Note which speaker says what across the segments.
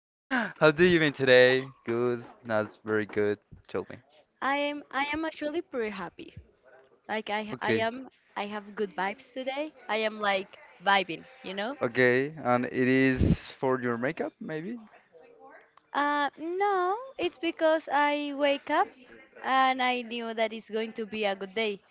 Speaker 1: How do you been today? Good, not very good. Tell me.
Speaker 2: I am actually pretty happy. Like I I
Speaker 1: Okay.
Speaker 2: am I have good vibes today. I am like vibing, you know?
Speaker 1: Okay, and it is for your makeup, maybe?
Speaker 2: No, it's because I wake up and I knew that it's going to be a good day.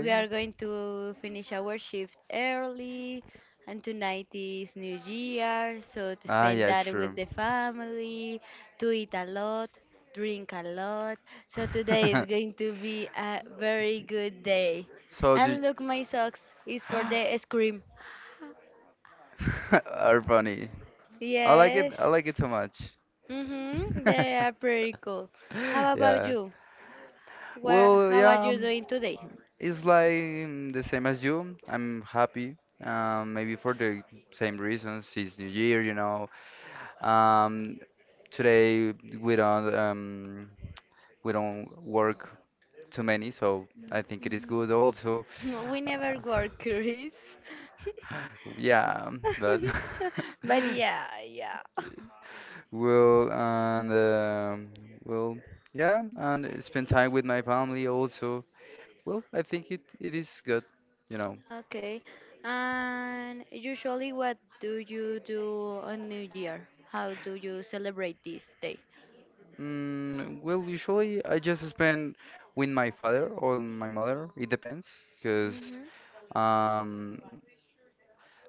Speaker 2: We are going to finish our shift early, and tonight is New Year, so to
Speaker 1: Ah,
Speaker 2: spend
Speaker 1: yeah, it's
Speaker 2: that with
Speaker 1: true.
Speaker 2: the family, to eat a lot, drink a lot. So today is going to be a very good day.
Speaker 1: So do
Speaker 2: And look, my socks is for
Speaker 1: are
Speaker 2: the scream. Cream.
Speaker 1: funny. I like it.
Speaker 2: Yes.
Speaker 1: I like it so much.
Speaker 2: Mhm. They are pretty cool. How about
Speaker 1: Yeah.
Speaker 2: you? Well,
Speaker 1: Well,
Speaker 2: how are
Speaker 1: yeah,
Speaker 2: you doing today?
Speaker 1: it's like the same as you. I'm happy, maybe for the same reasons. It's New Year. Um, Today we don't um, we don't work too many, so I think it is
Speaker 2: Mhm.
Speaker 1: good also.
Speaker 2: We never
Speaker 1: Uh,
Speaker 2: work, Chris.
Speaker 1: yeah, but
Speaker 2: But yeah, yeah.
Speaker 1: well, and well, yeah, and spend time with my family also. Well, I think it is good, you know.
Speaker 2: Okay. And usually, what do you do on New Year? How do you celebrate this day?
Speaker 1: Well, usually I just spend with my father or my mother. It depends, because
Speaker 2: Mhm.
Speaker 1: um,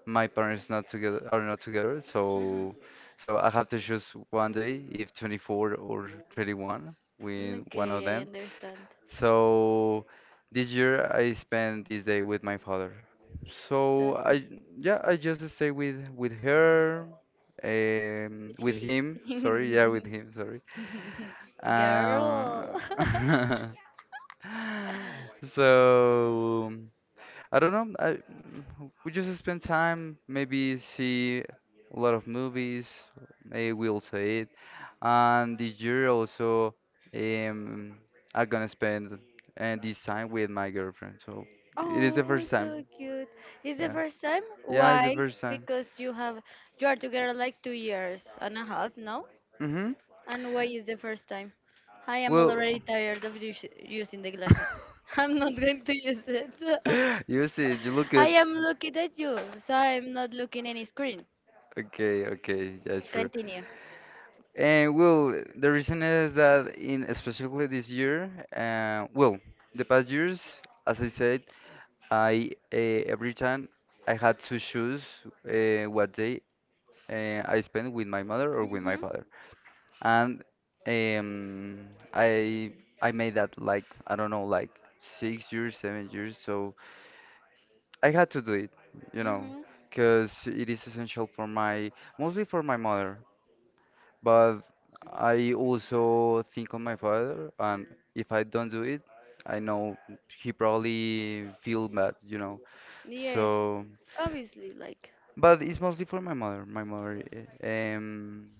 Speaker 1: my parents not together are not together,
Speaker 2: Mhm.
Speaker 1: so I have to choose one day, if 24 or 31, with one of
Speaker 2: Okay, I
Speaker 1: them.
Speaker 2: understand.
Speaker 1: So this year I spent this day with my father.
Speaker 2: So
Speaker 1: So I, yeah, I just stay with her,
Speaker 2: with
Speaker 1: with
Speaker 2: he.
Speaker 1: him. Sorry, yeah, with him. Sorry.
Speaker 2: Girl.
Speaker 1: Um, so I don't know. We just spend time, maybe see a lot of movies. Maybe we also eat. And this year also, um, I'm gonna spend and this time with my girlfriend. So it is the
Speaker 2: Oh,
Speaker 1: first time.
Speaker 2: so cute. It's the
Speaker 1: Yeah,
Speaker 2: first time?
Speaker 1: yeah, it's the
Speaker 2: Why?
Speaker 1: first time.
Speaker 2: Because, you are together like 2 years and a half, no?
Speaker 1: Mm-hmm.
Speaker 2: And why is the first time? I am
Speaker 1: Well,
Speaker 2: already tired of us using the glasses. I'm not going to use it.
Speaker 1: you see, you look
Speaker 2: I
Speaker 1: at.
Speaker 2: am looking at you, so I'm not looking any screen.
Speaker 1: Okay, okay, that's true.
Speaker 2: Continue.
Speaker 1: And well, the reason is that in especially this year, well, the past years, as I said, I every time I had to choose what day, I spend with my mother or with my
Speaker 2: Mhm.
Speaker 1: father, and um, I I made that like I don't know like 6 years, 7 years, so I had to do it, you know,
Speaker 2: Mhm.
Speaker 1: because it is essential for my mostly for my mother. But I also think on my father, and if I don't do it, I know he probably feel bad.
Speaker 2: Yes,
Speaker 1: So,
Speaker 2: obviously, like.
Speaker 1: but it's mostly for my mother. My mother, eh, um,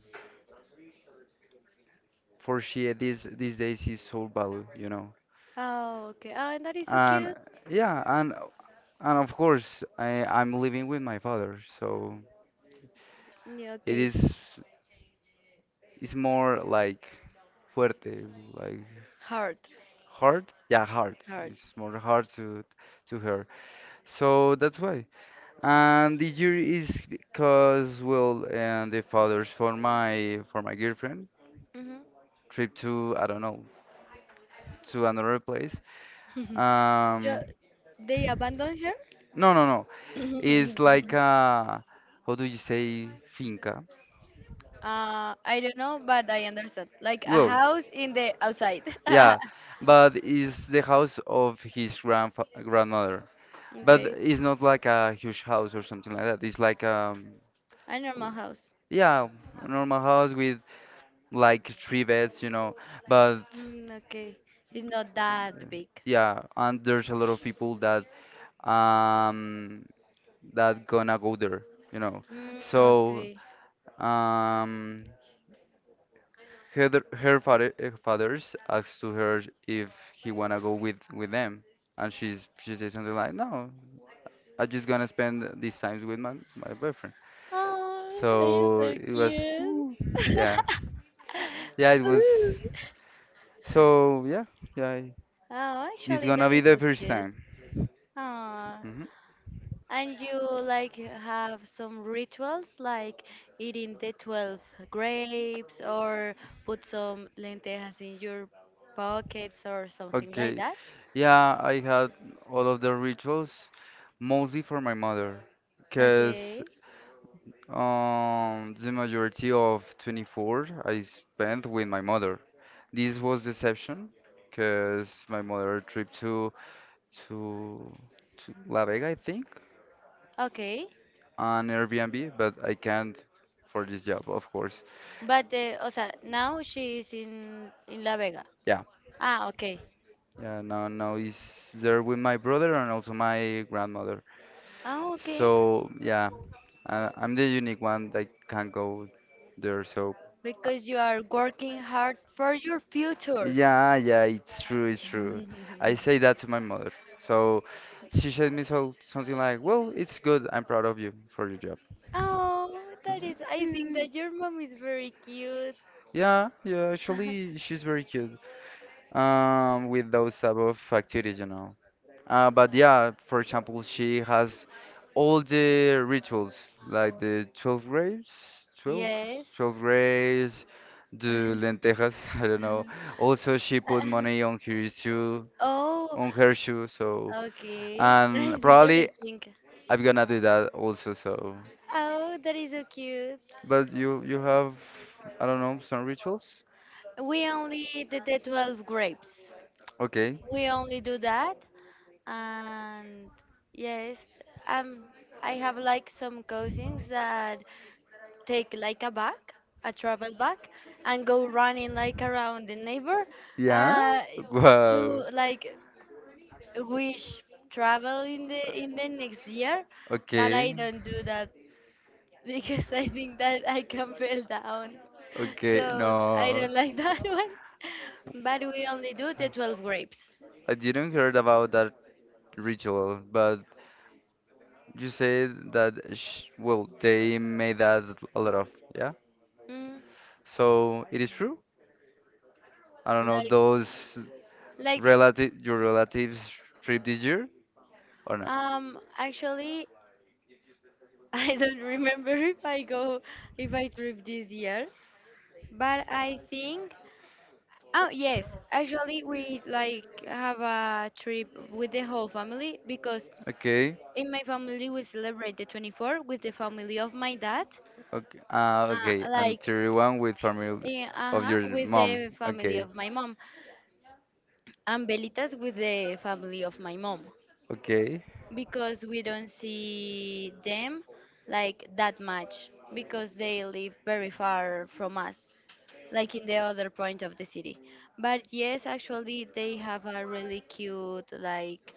Speaker 1: for she these days is so valued.
Speaker 2: Oh, okay. Ah, and that is so
Speaker 1: And
Speaker 2: cute.
Speaker 1: yeah, and of course I'm living with my father, so
Speaker 2: Yeah,
Speaker 1: it
Speaker 2: okay.
Speaker 1: is it's more like fuerte, like
Speaker 2: Heart.
Speaker 1: hard. Yeah, hard.
Speaker 2: Heart.
Speaker 1: It's more hard to her. So that's why. And the year is because well, and the fathers for my girlfriend
Speaker 2: Mhm.
Speaker 1: trip to I don't know to another place. Um,
Speaker 2: They abandon her?
Speaker 1: no, no, no. It's like how do you say finca?
Speaker 2: I don't know, but I understand. Like a
Speaker 1: Well,
Speaker 2: house in the outside.
Speaker 1: yeah, but it's the house of his grandfa grandmother. But
Speaker 2: Okay.
Speaker 1: it's not like a huge house or something like that. It's like
Speaker 2: A normal house.
Speaker 1: yeah, a normal house with like three beds. But
Speaker 2: Mm, okay. It's not that big.
Speaker 1: yeah, and there's a lot of people um that gonna go there, you know.
Speaker 2: Mm,
Speaker 1: So
Speaker 2: okay.
Speaker 1: um her fathers asked to her if he wanna go with them, and she says something like, "No, I'm just gonna spend these times with my boyfriend."
Speaker 2: Oh, that is
Speaker 1: So
Speaker 2: so
Speaker 1: it was,
Speaker 2: cute.
Speaker 1: ooh, yeah, yeah, it was.
Speaker 2: Ooh.
Speaker 1: So yeah, yeah,
Speaker 2: Oh,
Speaker 1: it's
Speaker 2: actually, that
Speaker 1: gonna be
Speaker 2: is
Speaker 1: the
Speaker 2: so
Speaker 1: first
Speaker 2: cute.
Speaker 1: time.
Speaker 2: Ah.
Speaker 1: Mm-hmm.
Speaker 2: And you like have some rituals like eating the 12 grapes or put some lentejas in your pockets or something like
Speaker 1: Okay.
Speaker 2: that?
Speaker 1: Yeah, I had all of the rituals mostly for my mother because
Speaker 2: Okay.
Speaker 1: the majority of 24 I spent with my mother. This was the exception because my mother tripped to to La Vega, I think,
Speaker 2: Okay.
Speaker 1: on Airbnb, but I can't for this job, of course.
Speaker 2: But o sea, now she is in La Vega.
Speaker 1: Yeah,
Speaker 2: Ah, okay.
Speaker 1: yeah. Now he's there with my brother and also my grandmother.
Speaker 2: Ah, okay.
Speaker 1: So yeah, I'm the unique one that can go there. So uh,
Speaker 2: Because you are working hard for your future.
Speaker 1: yeah, yeah, it's true, it's true. I say that to my mother. So she said me so something like, "Well, it's good. I'm proud of you for your job."
Speaker 2: Oh, that
Speaker 1: I'm
Speaker 2: is I think
Speaker 1: like,
Speaker 2: that your mom is very cute.
Speaker 1: yeah, yeah. Actually, she's very cute. With those type of activities. But yeah, for example, she has all the rituals, like the 12 grapes, twelve,
Speaker 2: Yes.
Speaker 1: twelve grapes, the lentejas, I don't know. Also, she put money on her shoe,
Speaker 2: Oh,
Speaker 1: on her shoe, so,
Speaker 2: okay. That
Speaker 1: and
Speaker 2: is
Speaker 1: probably
Speaker 2: interesting.
Speaker 1: I'm gonna do that also, so.
Speaker 2: Oh, that is so cute.
Speaker 1: But you have, I don't know, some rituals?
Speaker 2: We only did the 12 grapes.
Speaker 1: Okay.
Speaker 2: We only do that. And yes, um, I have like some cousins that take like a bag, a travel bag, and go running like around the neighbor
Speaker 1: Yeah?
Speaker 2: uh, to
Speaker 1: Wow.
Speaker 2: like wish travel in the next year. But I
Speaker 1: Okay.
Speaker 2: don't do that because I think that I can fell down.
Speaker 1: Okay.
Speaker 2: So I
Speaker 1: No,
Speaker 2: don't like that one. But we only do the 12 grapes.
Speaker 1: I didn't heard about that ritual, but you said that sh well, they made that a lot of, yeah?
Speaker 2: Mm,
Speaker 1: So it is true? I don't know,
Speaker 2: like,
Speaker 1: those
Speaker 2: like, the-
Speaker 1: relative your relatives trip this year or not?
Speaker 2: actually, I don't remember if I go, if I trip this year. But I think, oh yes, actually we like have a trip with the whole family because
Speaker 1: Okay,
Speaker 2: in my family we celebrate the 24 with the family of my dad.
Speaker 1: okay, okay, and
Speaker 2: Like
Speaker 1: 31 with family
Speaker 2: uh
Speaker 1: of
Speaker 2: huh,
Speaker 1: your
Speaker 2: with
Speaker 1: mom.
Speaker 2: the family
Speaker 1: Okay,
Speaker 2: of my mom, and Belitas with the family of my mom,
Speaker 1: okay.
Speaker 2: because we don't see them like that much because they live very far from us, like in the other point of the city. But yes, actually, they have a really cute, like,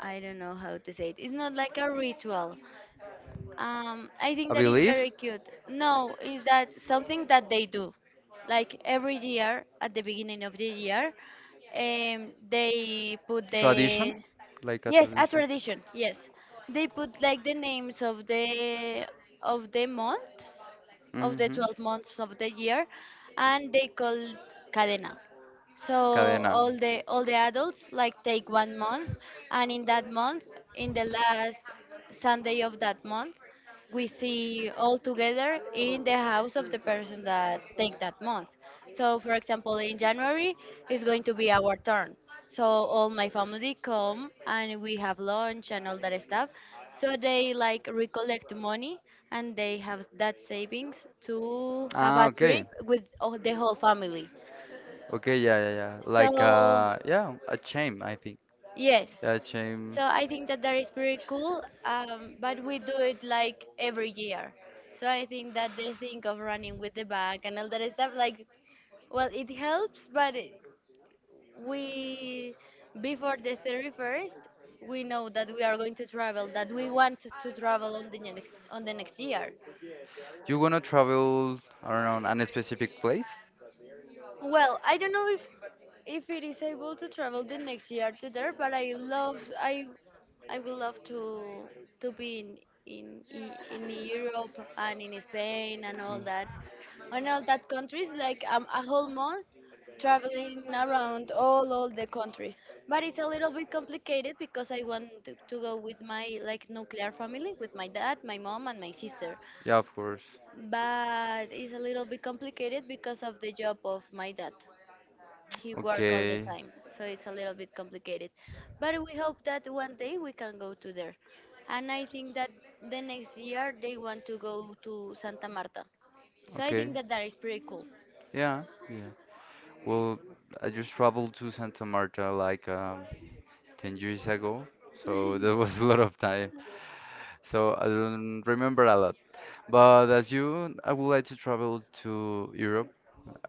Speaker 2: I don't know how to say it. It's not like a ritual, I think
Speaker 1: A
Speaker 2: that is
Speaker 1: belief,
Speaker 2: very cute. No, is that something that they do? Like every year, at the beginning of the year, they put
Speaker 1: tradition,
Speaker 2: the
Speaker 1: like a.
Speaker 2: yes,
Speaker 1: Tr.
Speaker 2: a tradition. Yes, they put like the names of the months, of the
Speaker 1: Mhm.
Speaker 2: 12 months of the year, and they call cadena. So
Speaker 1: Cadena.
Speaker 2: all the adults like take one month, and in that month, in the last Sunday of that month, we see all together in the house of the person that take that month. So for example, in January is going to be our turn. So all my family come and we have lunch and all that stuff. So they like recollect money and they have that savings to have
Speaker 1: Ah,
Speaker 2: a
Speaker 1: okay.
Speaker 2: trip with the whole family.
Speaker 1: Okay, yeah, yeah, yeah. Like,
Speaker 2: So
Speaker 1: yeah, a chain, I think.
Speaker 2: yes.
Speaker 1: Yeah, a chain.
Speaker 2: So I think that that is pretty cool, but we do it like every year. So I think that they think of running with the bag and all that stuff. Like, well, it helps, but we, before the 31st, we know that we are going to travel, that we want to travel on the next year.
Speaker 1: You wanna travel around a specific place?
Speaker 2: Well, I don't know if it is able to travel the next year to there, but I would love to be in Europe and in Spain and all that countries like a whole month traveling around all the countries, but it's a little bit complicated because I want to go with my like nuclear family, with my dad, my mom and my sister,
Speaker 1: Yeah, of course.
Speaker 2: but it's a little bit complicated because of the job of my dad. He work all the
Speaker 1: Okay.
Speaker 2: time, so it's a little bit complicated, but we hope that one day we can go to there. And I think that the next year they want to go to Santa Marta, so I
Speaker 1: Okay.
Speaker 2: think that that is pretty cool.
Speaker 1: Yeah. Yeah. Well, I just traveled to Santa Marta like 10 years ago, so that was a lot of time. So I don't remember a lot. But as you, I would like to travel to Europe.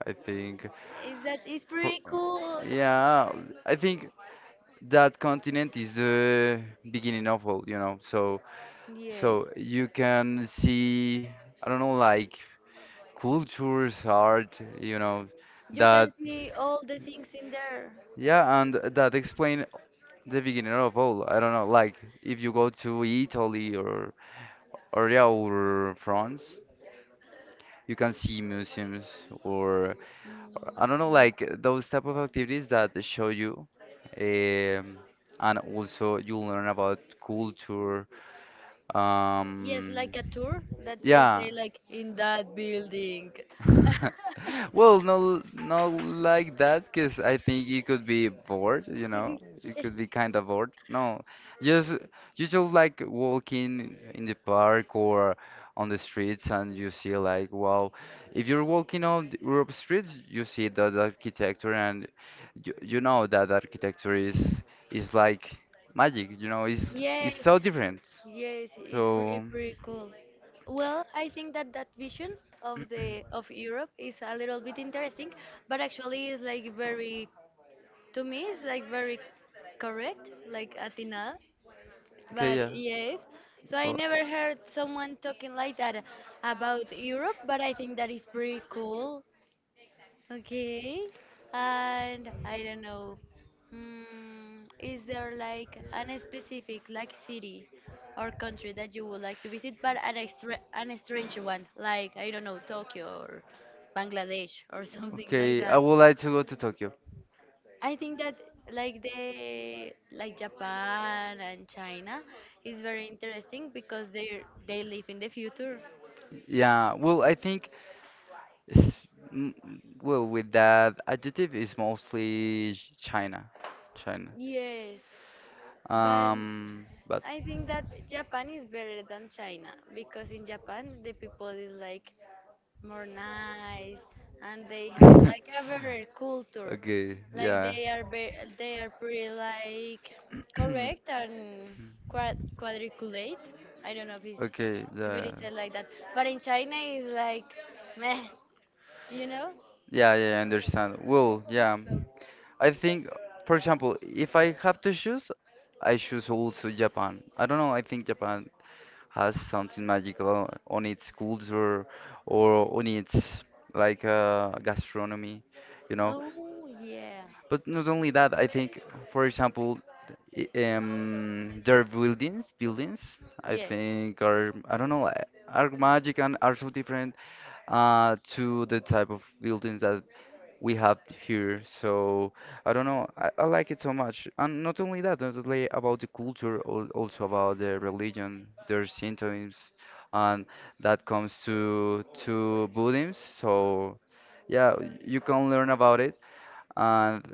Speaker 1: I think
Speaker 2: Is that it's
Speaker 1: Pro-
Speaker 2: pretty cool.
Speaker 1: yeah, I think that continent is the beginning of all. So
Speaker 2: Yes,
Speaker 1: you can see, I don't know, like cultures, art,
Speaker 2: you can
Speaker 1: that,
Speaker 2: see all the things in there.
Speaker 1: yeah, and that explain the beginning of all. I don't know, like if you go to Italy or, or France, you can see museums or, I don't know,
Speaker 2: Mm,
Speaker 1: like those type of activities that show you. Um, and also you learn about culture.
Speaker 2: yes,
Speaker 1: Um,
Speaker 2: like a tour that they
Speaker 1: yeah.
Speaker 2: say like in that building.
Speaker 1: Well, no, no, like that, because I think it could be bored, you know, it could be kind of bored. No, just you just like walking in the park or on the streets, and you see like, wow, if you're walking on the Europe streets, you see that architecture, and you know that architecture is like magic, it's
Speaker 2: yes
Speaker 1: it's
Speaker 2: Yes.
Speaker 1: so different.
Speaker 2: Yes, it's pretty
Speaker 1: So,
Speaker 2: pretty cool. Well, I think that that vision of the of Europe is a little bit interesting, but actually is like very, to me it's like very correct, like Athena.
Speaker 1: okay,
Speaker 2: But
Speaker 1: yeah.
Speaker 2: yes, so I
Speaker 1: Well,
Speaker 2: never heard someone talking like that about Europe, but I think that is pretty cool. Okay, and I don't know. Mm, is there like an specific like city or country that you would like to visit, but an extra an strange one, like I don't know, Tokyo or Bangladesh or something like
Speaker 1: okay, I
Speaker 2: that?
Speaker 1: would like to go to Tokyo.
Speaker 2: I think that like Japan and China is very interesting because they live in the future.
Speaker 1: Yeah, well, I think, it's, mm, well, with that adjective is mostly China.
Speaker 2: Yes, but
Speaker 1: But.
Speaker 2: I think that Japan is better than China because in Japan the people is like more nice and they have like a better culture.
Speaker 1: Okay,
Speaker 2: Like
Speaker 1: yeah.
Speaker 2: they are be they are pretty like correct and quadriculate. I don't know if it's
Speaker 1: Okay,
Speaker 2: if it is
Speaker 1: the
Speaker 2: said like that, but in China is like meh, you know?
Speaker 1: yeah, yeah, I understand. Well, yeah. I think, for example, if I have to choose, I choose also Japan. I don't know, I think Japan has something magical on its culture or on its like gastronomy, you know.
Speaker 2: Oh yeah,
Speaker 1: But not only that, I think, for example, their buildings, I
Speaker 2: yes,
Speaker 1: think are, I don't know, are magic and are so different to the type of buildings that we have here. So I don't know, I like it so much. And not only that, not only about the culture, also about the religion, their symptoms, and that comes to Buddhism. So yeah, you can learn about it. And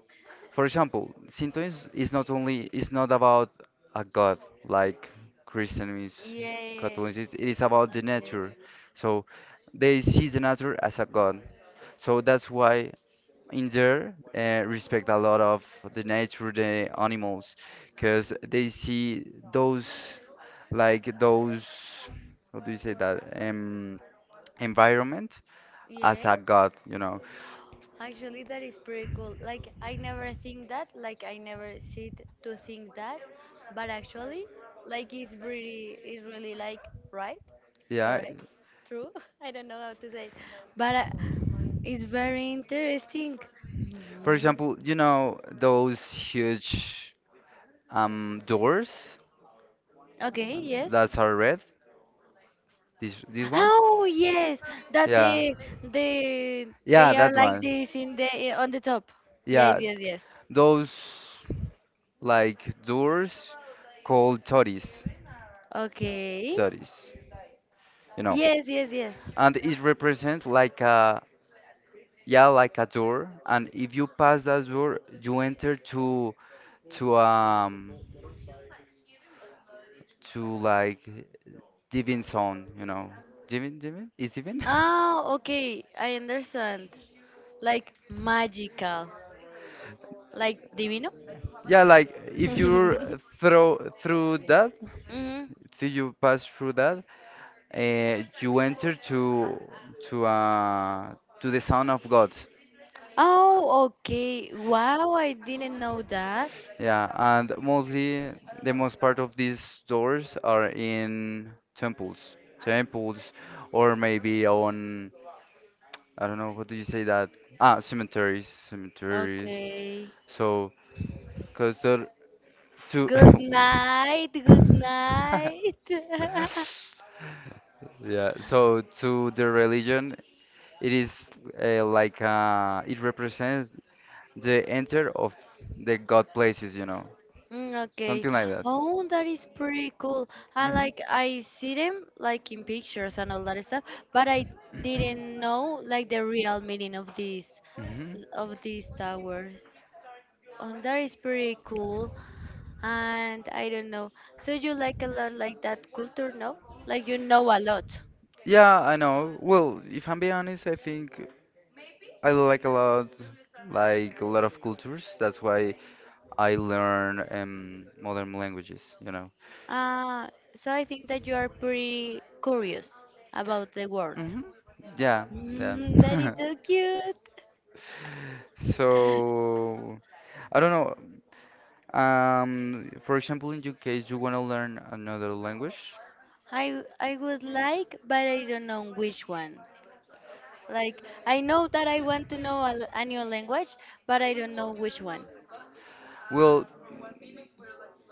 Speaker 1: for example, Shintoism is not about a god like Christian is
Speaker 2: yes,
Speaker 1: Catholicism. It is about the
Speaker 2: okay,
Speaker 1: nature. So they see the nature as a god. So that's why in there respect a lot of the nature, the animals, because they see those those how do you say that environment as a
Speaker 2: yes.
Speaker 1: god?
Speaker 2: Actually, that is pretty cool. Like, I never think that, like, I never sit to think that, but actually, like, it's really like right,
Speaker 1: Yeah.
Speaker 2: correct, true. I don't know how to say it, but it's very interesting.
Speaker 1: For
Speaker 2: Mm.
Speaker 1: example, you know those huge doors uh,
Speaker 2: Okay, yes.
Speaker 1: that are red. These ones.
Speaker 2: Oh, yes, that
Speaker 1: Yeah.
Speaker 2: they,
Speaker 1: Yeah,
Speaker 2: they are
Speaker 1: that
Speaker 2: like
Speaker 1: one.
Speaker 2: this in the on the top. Yes,
Speaker 1: Yeah,
Speaker 2: yes, yes.
Speaker 1: those like doors called toris.
Speaker 2: Okay.
Speaker 1: Toris. You know,
Speaker 2: Yes, yes, yes.
Speaker 1: and it represents like a yeah like a door, and if you pass that door, you enter to to um to like divin zone. Divin, divin is divin.
Speaker 2: Oh, okay, I understand. Like magical, like divino.
Speaker 1: Yeah, like if you throw through that
Speaker 2: Mhm.
Speaker 1: if you pass through that, you enter to uh to the son of god.
Speaker 2: Oh, okay. Wow, I didn't know that.
Speaker 1: Yeah, and mostly the most part of these doors are in temples, or maybe on, I don't know, what do you say that? Ah, cemeteries.
Speaker 2: Okay.
Speaker 1: So, because to,
Speaker 2: Good night. Good night.
Speaker 1: yeah, so to the religion, it is like it represents the enter of the God places,
Speaker 2: Mm, okay.
Speaker 1: something like that.
Speaker 2: Oh, that is pretty cool. I
Speaker 1: Hmm.
Speaker 2: like I see them like in pictures and all that stuff, but I didn't know like the real meaning
Speaker 1: Hmm.
Speaker 2: of these towers. And that is pretty cool. And I don't know. So you like a lot like that culture, no? Like you know a lot.
Speaker 1: Yeah, I know. Well, if I'm being honest, I think I like a lot of cultures. That's why I learn modern languages.
Speaker 2: Ah, so I think that you are pretty curious about the world.
Speaker 1: Hmm. Yeah, yeah.
Speaker 2: Mm, that is so cute.
Speaker 1: So, I don't know. For example, in your case, you want to learn another language.
Speaker 2: I would like, but I don't know which one. Like I know that I want to know a, a new language, but I don't know which one.
Speaker 1: Well,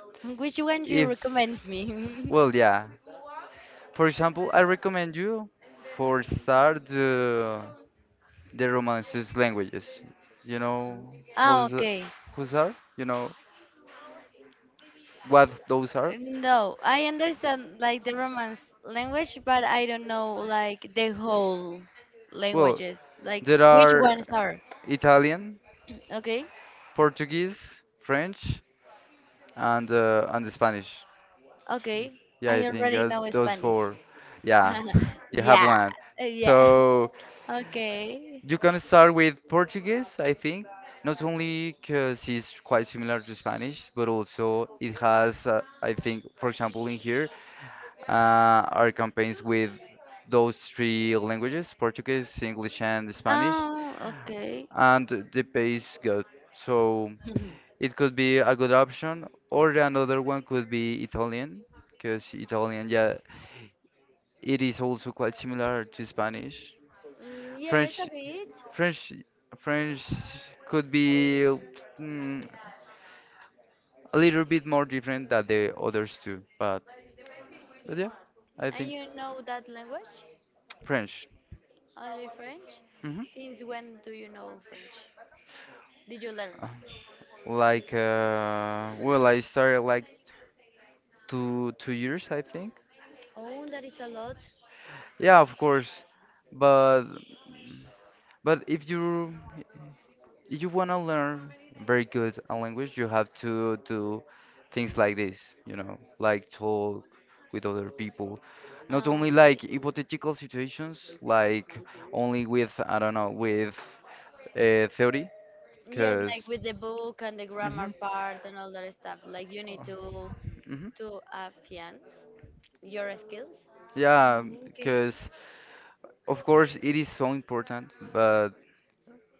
Speaker 2: Which one you
Speaker 1: if,
Speaker 2: recommends me?
Speaker 1: well, yeah. For example, I recommend you for start the romances languages. You know
Speaker 2: Ah,
Speaker 1: who's
Speaker 2: okay.
Speaker 1: whose are? You know what those are?
Speaker 2: No, I understand like the Romance language, but I don't know like the whole
Speaker 1: Well,
Speaker 2: languages, like
Speaker 1: there
Speaker 2: which
Speaker 1: are
Speaker 2: ones are.
Speaker 1: Italian,
Speaker 2: Okay,
Speaker 1: Portuguese, French, and Spanish.
Speaker 2: okay.
Speaker 1: Yeah, I
Speaker 2: I
Speaker 1: think
Speaker 2: already know
Speaker 1: those
Speaker 2: Spanish.
Speaker 1: four. Yeah, you have
Speaker 2: Yeah,
Speaker 1: one.
Speaker 2: yeah.
Speaker 1: So
Speaker 2: Okay.
Speaker 1: you can start with Portuguese, I think. Not only because it's quite similar to Spanish, but also it has, I think, for example, in here, our campaigns with those three languages Portuguese, English, and Spanish,
Speaker 2: Okay.
Speaker 1: and the pay is good. So it could be a good option, or another one could be Italian, because Italian, yeah, it is also quite similar to Spanish.
Speaker 2: Mm, yes,
Speaker 1: French,
Speaker 2: a bit.
Speaker 1: French, French could be mm, a little bit more different than the others too, but yeah, I
Speaker 2: And
Speaker 1: think
Speaker 2: you know that language?
Speaker 1: French.
Speaker 2: Only French?
Speaker 1: hmm
Speaker 2: Since when do you know French? Did you learn?
Speaker 1: Like, well, I started like two years, I think.
Speaker 2: Oh, that is a lot.
Speaker 1: Yeah, of course. But but if you wanna learn very good a language, you have to do things like this, like talk with other people. Not
Speaker 2: Oh,
Speaker 1: only like hypothetical situations, like only with I don't know with theory,
Speaker 2: yes,
Speaker 1: because.
Speaker 2: like with the book and the grammar
Speaker 1: hmm
Speaker 2: part and all that stuff. Like you need
Speaker 1: hmm
Speaker 2: to advance your skills.
Speaker 1: Yeah,
Speaker 2: Oh, okay.
Speaker 1: because of course, it is so important, but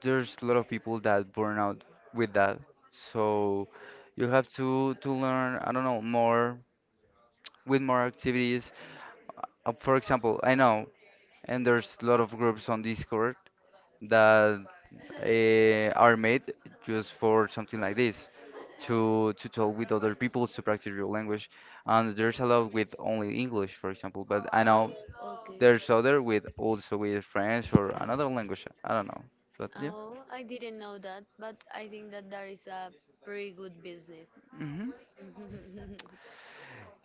Speaker 1: there's a lot of people that burn out with that. So you have to learn, I don't know, more with more activities. For example, I know, and there's a lot of groups on Discord that are made just for something like this, to talk with other people to practice your language. And there's a lot with only English, for example. But I know.
Speaker 2: Oh, okay.
Speaker 1: There's other with also with French or another language. I don't know, but yeah.
Speaker 2: Oh, I didn't know that, but I think that that is a pretty good business.
Speaker 1: Mm-hmm.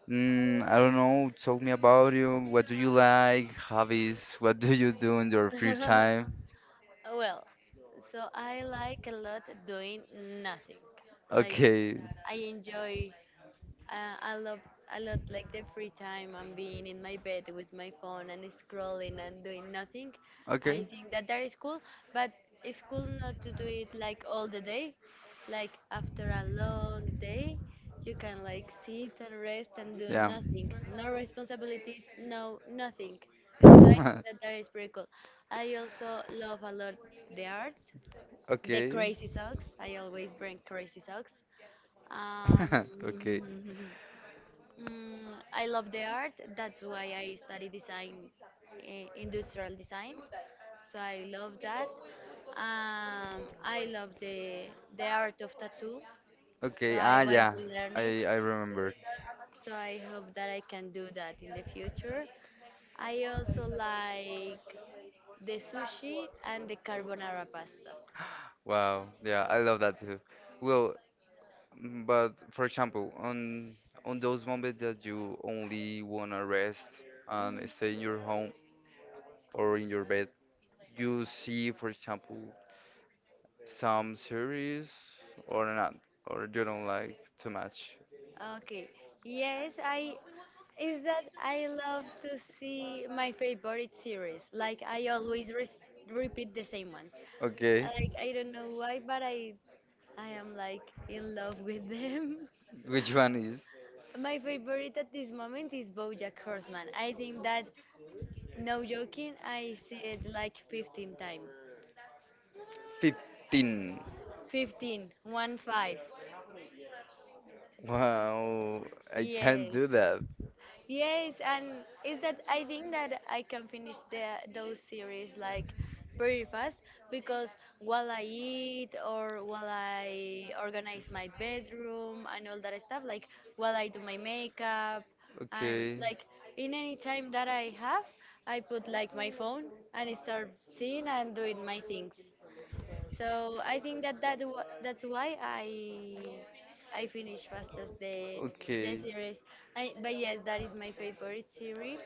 Speaker 1: I don't know. Tell me about you. What do you like? Hobbies? What do you do in your free time?
Speaker 2: Well, so I like a lot doing nothing. Like
Speaker 1: Okay.
Speaker 2: I enjoy, uh, I love, I love like the free time and being in my bed with my phone and scrolling and doing nothing.
Speaker 1: Okay.
Speaker 2: I think that that is cool, but it's cool not to do it like all the day. Like after a long day, you can like sit and rest and do
Speaker 1: Yeah.
Speaker 2: nothing, no responsibilities, no nothing. So I think that that is pretty cool. I also love a lot the art, the
Speaker 1: Okay.
Speaker 2: crazy socks. I always bring crazy socks. Um,
Speaker 1: Okay.
Speaker 2: mm, I love the art. That's why I study design, industrial design, so I love that. I love the art of tattoo. So
Speaker 1: Okay, ah,
Speaker 2: I want
Speaker 1: yeah,
Speaker 2: to learn it.
Speaker 1: I remember.
Speaker 2: So I hope that I can do that in the future. I also like the sushi and the carbonara pasta.
Speaker 1: Wow, yeah, I love that too. Well, but for example, on those moments that you only wanna rest and
Speaker 2: Mhm.
Speaker 1: stay in your home or in your bed, you see, for example, some series or not, or you don't like too much.
Speaker 2: Okay. Yes, I is that I love to see my favorite series. Like I always re repeat the same ones.
Speaker 1: Okay,
Speaker 2: Like I don't know why, but I am like in love with them.
Speaker 1: which one is
Speaker 2: My favorite at this moment is BoJack Horseman. I think that, no joking, I see it like 15 times.
Speaker 1: 15?
Speaker 2: 15, 1 5.
Speaker 1: Wow, I can't
Speaker 2: Yes.
Speaker 1: do that.
Speaker 2: Yes, and is that I think that I can finish the those series like pretty fast because while I eat or while I organize my bedroom and all that stuff, like while I do my makeup and
Speaker 1: Okay,
Speaker 2: like in any time that I have, I put like my phone and start seeing and doing my things. So I think that that's why I finished fastest the
Speaker 1: okay,
Speaker 2: series. I, but yes, that is my favorite series.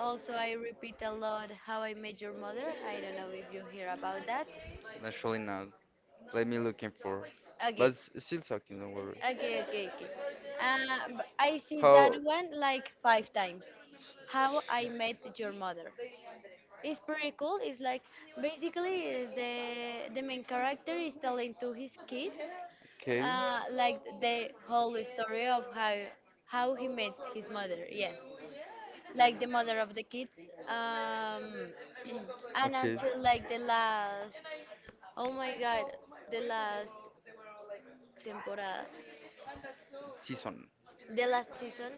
Speaker 2: Also, I repeat a lot How I Met Your Mother. I don't know if you hear about that.
Speaker 1: naturally not. Let me looking for. But
Speaker 2: Okay,
Speaker 1: still talking, don't worry.
Speaker 2: okay. I see that
Speaker 1: How?
Speaker 2: one like 5 times. How I Met Your Mother. It's pretty cool. It's like basically is the main character is telling to his kids
Speaker 1: Okay,
Speaker 2: like the whole story of how he met his mother. Yes, like the mother of the kids. Um, and
Speaker 1: okay.
Speaker 2: until like the last oh my god the last temporada
Speaker 1: Season.
Speaker 2: the last season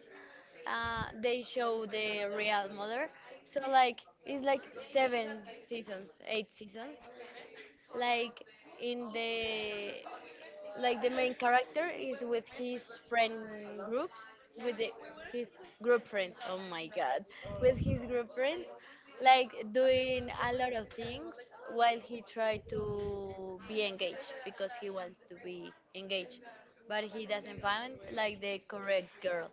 Speaker 2: they show the real mother, so like it's like 7 seasons, 8 seasons, like in the like the main character is with his friend groups with the, his group friends oh my god with his group friends, like doing a lot of things while he tried to be engaged because he wants to be engaged but he doesn't find like the correct girl,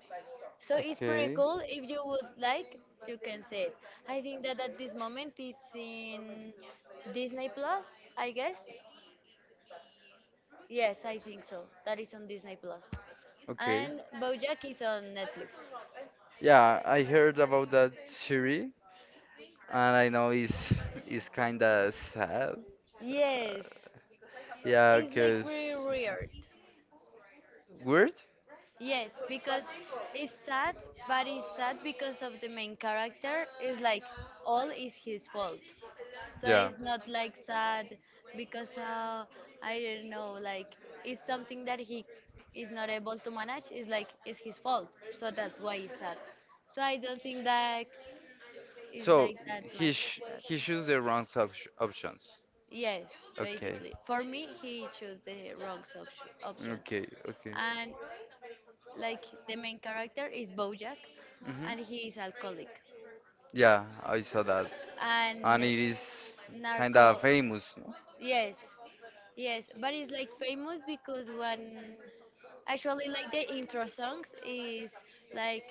Speaker 2: so it's pretty
Speaker 1: Okay.
Speaker 2: cool. If you would like, you can see it. I think that at this moment it's in Disney Plus, I guess. Yes, I think so. That is on Disney Plus.
Speaker 1: Okay.
Speaker 2: And BoJack is on Netflix.
Speaker 1: Yeah, I heard about that Shiri, and I know it's kinda sad.
Speaker 2: Yes.
Speaker 1: Yeah,
Speaker 2: It's like
Speaker 1: cause
Speaker 2: pretty weird.
Speaker 1: weird.
Speaker 2: Yes, because it's sad, but it's sad because of the main character. It's like all is his fault. So
Speaker 1: Yeah.
Speaker 2: it's not like sad because I don't know, like it's something that he is not able to manage. It's like it's his fault. So that's why it's sad. So I don't think that is
Speaker 1: So
Speaker 2: like that
Speaker 1: he
Speaker 2: much.
Speaker 1: sh
Speaker 2: Sad.
Speaker 1: he chose the wrong op options.
Speaker 2: Yes,
Speaker 1: Okay.
Speaker 2: basically. For me, he chose the wrong option, options.
Speaker 1: Okay. Okay.
Speaker 2: And like the main character is Bojack,
Speaker 1: Mhm.
Speaker 2: and he is alcoholic
Speaker 1: Yeah, I saw that.
Speaker 2: and
Speaker 1: And it is kind of
Speaker 2: narco.
Speaker 1: famous, no?
Speaker 2: Yes, yes, but it's like famous because when actually like the intro songs is like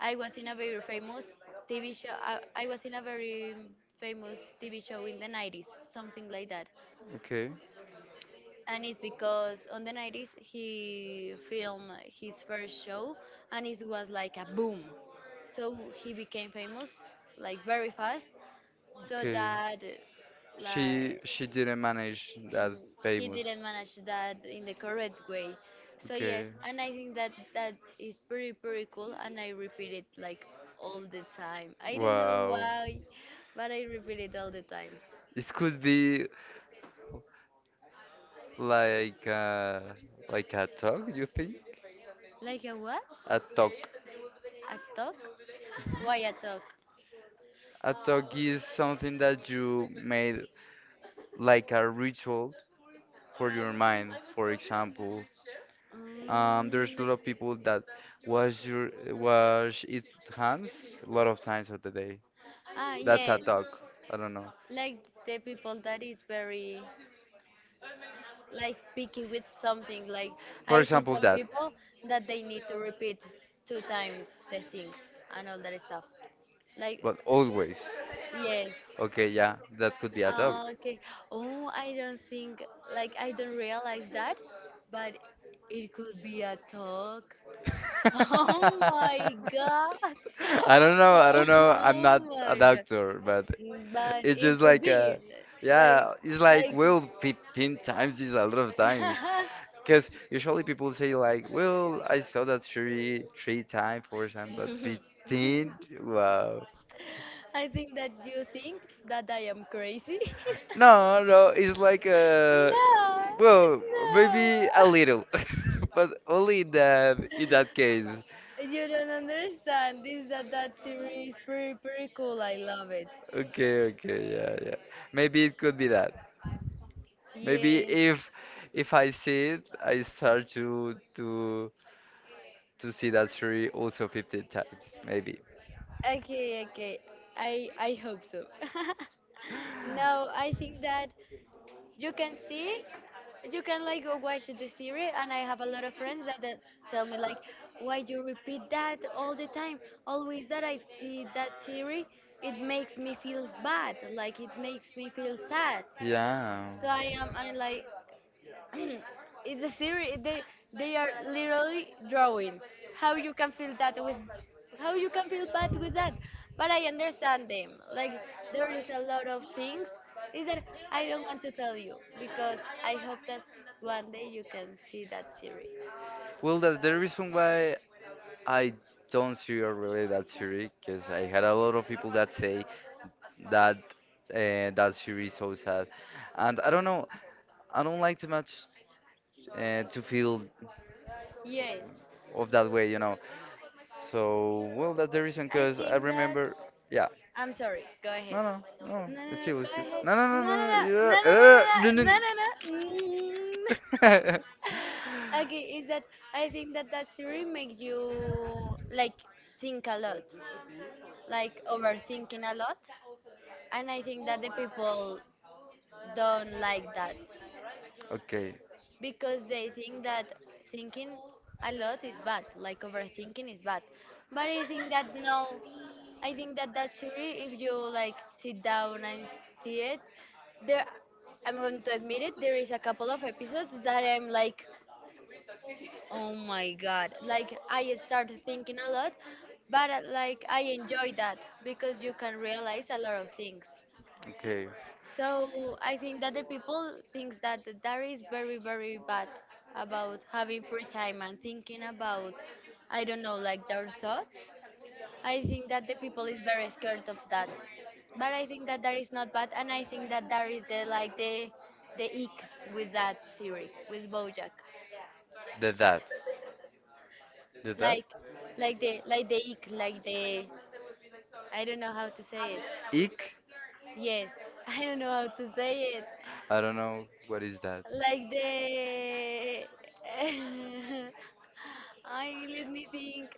Speaker 2: I was in a very famous TV show. I was in a very famous TV show in the 90s, something like that.
Speaker 1: Okay.
Speaker 2: And it's because on the 90s he filmed his first show and it was like a boom, so he became famous like very fast, so
Speaker 1: Okay.
Speaker 2: that
Speaker 1: She
Speaker 2: like
Speaker 1: she didn't manage that
Speaker 2: he
Speaker 1: famous.
Speaker 2: didn't manage that in the correct way. So yes,
Speaker 1: Okay.
Speaker 2: and I think that that is pretty pretty cool and I repeat it like all the time, I don't know
Speaker 1: Wow.
Speaker 2: why, but I repeat it all the time.
Speaker 1: It could be like like a talk, you think?
Speaker 2: Like a what?
Speaker 1: A talk.
Speaker 2: A talk? Why a talk?
Speaker 1: A talk is something that you made like a ritual for your mind. For example, there's a
Speaker 2: Mm,
Speaker 1: lot of people that wash its hands a lot of times of the day.
Speaker 2: ah,
Speaker 1: That's a
Speaker 2: yes.
Speaker 1: talk. I don't know.
Speaker 2: Like the people that is very like picky with something. Like
Speaker 1: For
Speaker 2: I see
Speaker 1: example,
Speaker 2: some
Speaker 1: that.
Speaker 2: people that they need to repeat 2 times the things and all that stuff. Like
Speaker 1: But always.
Speaker 2: yes.
Speaker 1: Okay, yeah, that could be a dog.
Speaker 2: Ah, okay. Oh, I don't think like I don't realize that, but it could be a talk. Oh my god.
Speaker 1: I don't know, I don't know. I'm not
Speaker 2: Oh
Speaker 1: a
Speaker 2: my god.
Speaker 1: doctor, but
Speaker 2: But
Speaker 1: it's
Speaker 2: it
Speaker 1: just
Speaker 2: could
Speaker 1: like
Speaker 2: be like
Speaker 1: yeah, it's like
Speaker 2: like
Speaker 1: well 15 times is a lot of times. Because usually people say like, well, I saw that three times, four times, but 15? Wow.
Speaker 2: I think that you think that I am crazy.
Speaker 1: No, no, it's like
Speaker 2: No,
Speaker 1: well,
Speaker 2: no.
Speaker 1: maybe a little, but only in that case.
Speaker 2: You don't understand. This that that series pretty pretty cool. I love it.
Speaker 1: Okay, okay, yeah, yeah. Maybe it could be that. Maybe
Speaker 2: Yes.
Speaker 1: if I see it, I start to see that story also 15 times, maybe.
Speaker 2: Okay, okay. I hope so. No, I think that you can see you can like go watch the series and I have a lot of friends that tell me like why you repeat that all the time. Always that I see that series, it makes me feel bad, like it makes me feel sad.
Speaker 1: Yeah.
Speaker 2: So I am I like it's a series. They are literally drawings. How you can feel that how you can feel bad with that? But I understand them. Like there is a lot of things. Is that I don't want to tell you because I hope that one day you can see that series.
Speaker 1: Well, that's the reason why I don't see it really that theory because I had a lot of people that say that that series is so sad, and I don't know. I don't like too much to feel
Speaker 2: Yes,
Speaker 1: of that way. So well, that's the reason.
Speaker 2: I
Speaker 1: Cause I
Speaker 2: think that.
Speaker 1: remember, yeah.
Speaker 2: I'm sorry. Go
Speaker 1: No,
Speaker 2: ahead.
Speaker 1: no, no.
Speaker 2: No no
Speaker 1: It's
Speaker 2: no.
Speaker 1: still,
Speaker 2: Go
Speaker 1: it's still.
Speaker 2: ahead.
Speaker 1: No, no, no,
Speaker 2: No no no no no
Speaker 1: no, no. Yeah,
Speaker 2: no no no no no. No. Mm.
Speaker 1: no,
Speaker 2: Okay, is that I think that that series makes you like think a
Speaker 1: no.
Speaker 2: lot, like overthinking a lot, and I think that the people don't like that
Speaker 1: Okay,
Speaker 2: because they think that thinking a lot is bad, like overthinking is bad. But I think that no, I think that that series, if you like sit down and see it, there, I'm going to admit it, there is a couple of episodes that I'm like oh my god. Like I started thinking a lot, but like I enjoy that because you can realize a lot of things.
Speaker 1: okay,
Speaker 2: So I think that the people thinks that that is very very bad about having free time and thinking about I don't know like their thoughts. I think that the people is very scared of that. But I think that that is not bad and I think that that is the ick with that series with Bojack.
Speaker 1: the that. Did that?
Speaker 2: like like the ick, like the I don't know how to
Speaker 1: I
Speaker 2: say
Speaker 1: don't know
Speaker 2: it. Yes, I don't know how to say it.
Speaker 1: what is that.
Speaker 2: Like the I let me think.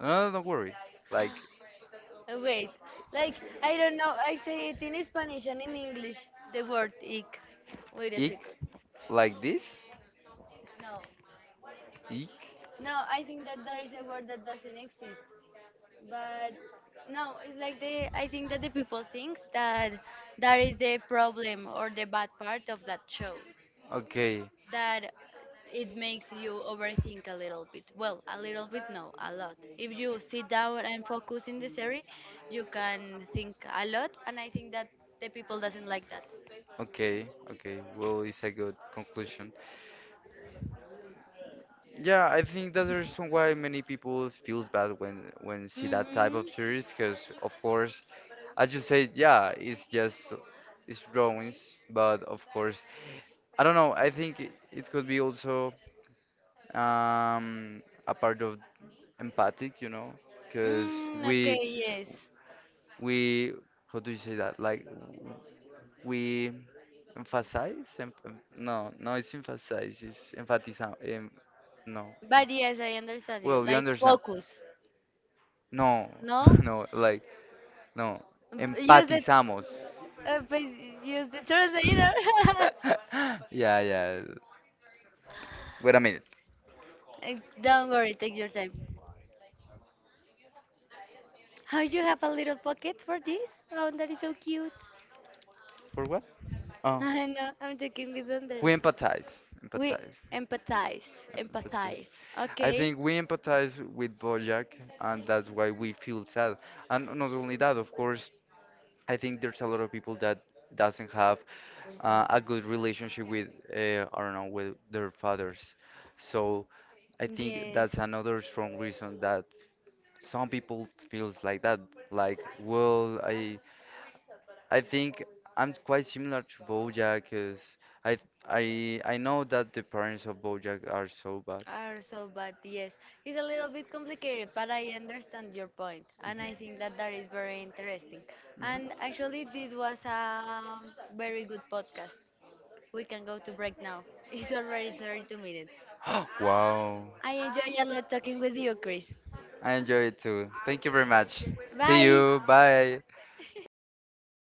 Speaker 1: No, no, don't worry. Like, like,
Speaker 2: Wait, like I don't know. I say it in Spanish and in English. The word ick. Wait a Yeah.
Speaker 1: ick?
Speaker 2: second.
Speaker 1: Like this? Ick?
Speaker 2: No, I think that that is a word that doesn't exist. But no, it's like the I think that the people thinks that that is the problem or the bad part of that show.
Speaker 1: Okay,
Speaker 2: That it makes you overthink a little bit. Well, a little bit no, a lot. If you sit down and focus in the series, you can think a lot and I think that the people doesn't like that.
Speaker 1: okay, okay. Well, it's a good conclusion. Yeah, I think that's the reason why many people feels bad when see that type of
Speaker 2: Mhm.
Speaker 1: series, because of course, as you said, yeah, it's just, it's drawings, but of course, I don't know. I think it could be also um, a part of empathic, because
Speaker 2: Mm,
Speaker 1: we
Speaker 2: okay, yes.
Speaker 1: we how do you say that? Like we emphasize, no, no, it's emphasize, no.
Speaker 2: But yes, I understand you.
Speaker 1: Well, you
Speaker 2: Like
Speaker 1: understand.
Speaker 2: focus.
Speaker 1: No,
Speaker 2: No?
Speaker 1: no, like, no.
Speaker 2: B- Use it.
Speaker 1: Empatizamos.
Speaker 2: But use the translator.
Speaker 1: Yeah, yeah. Wait a minute.
Speaker 2: Don't worry, take your time. How you have a little pocket for this? Oh, that is so cute.
Speaker 1: For what? Oh,
Speaker 2: I know, I'm talking with Andres.
Speaker 1: we empathize.
Speaker 2: We
Speaker 1: Empathize.
Speaker 2: empathize,
Speaker 1: Empathize.
Speaker 2: empathize.
Speaker 1: I
Speaker 2: Okay.
Speaker 1: think we empathize with Bojack, and that's why we feel sad. And not only that, of course, I think there's a lot of people that doesn't have a good relationship with, I don't know, with their fathers. So I think
Speaker 2: Yes,
Speaker 1: that's another strong reason that some people feels like that like well I think I'm quite similar to Bojack. Cause i I know that the parents of bojack are so bad.
Speaker 2: are so bad. Yes, it's a little bit complicated, but I understand your point, and I think that that is very interesting.
Speaker 1: Mhm.
Speaker 2: And actually, this was a very good podcast. We can go to break now. It's already 32 minutes.
Speaker 1: Wow.
Speaker 2: I enjoy a lot talking with you, Chris.
Speaker 1: I enjoy it too. Thank you very much. See
Speaker 2: Bye.
Speaker 1: you. Bye.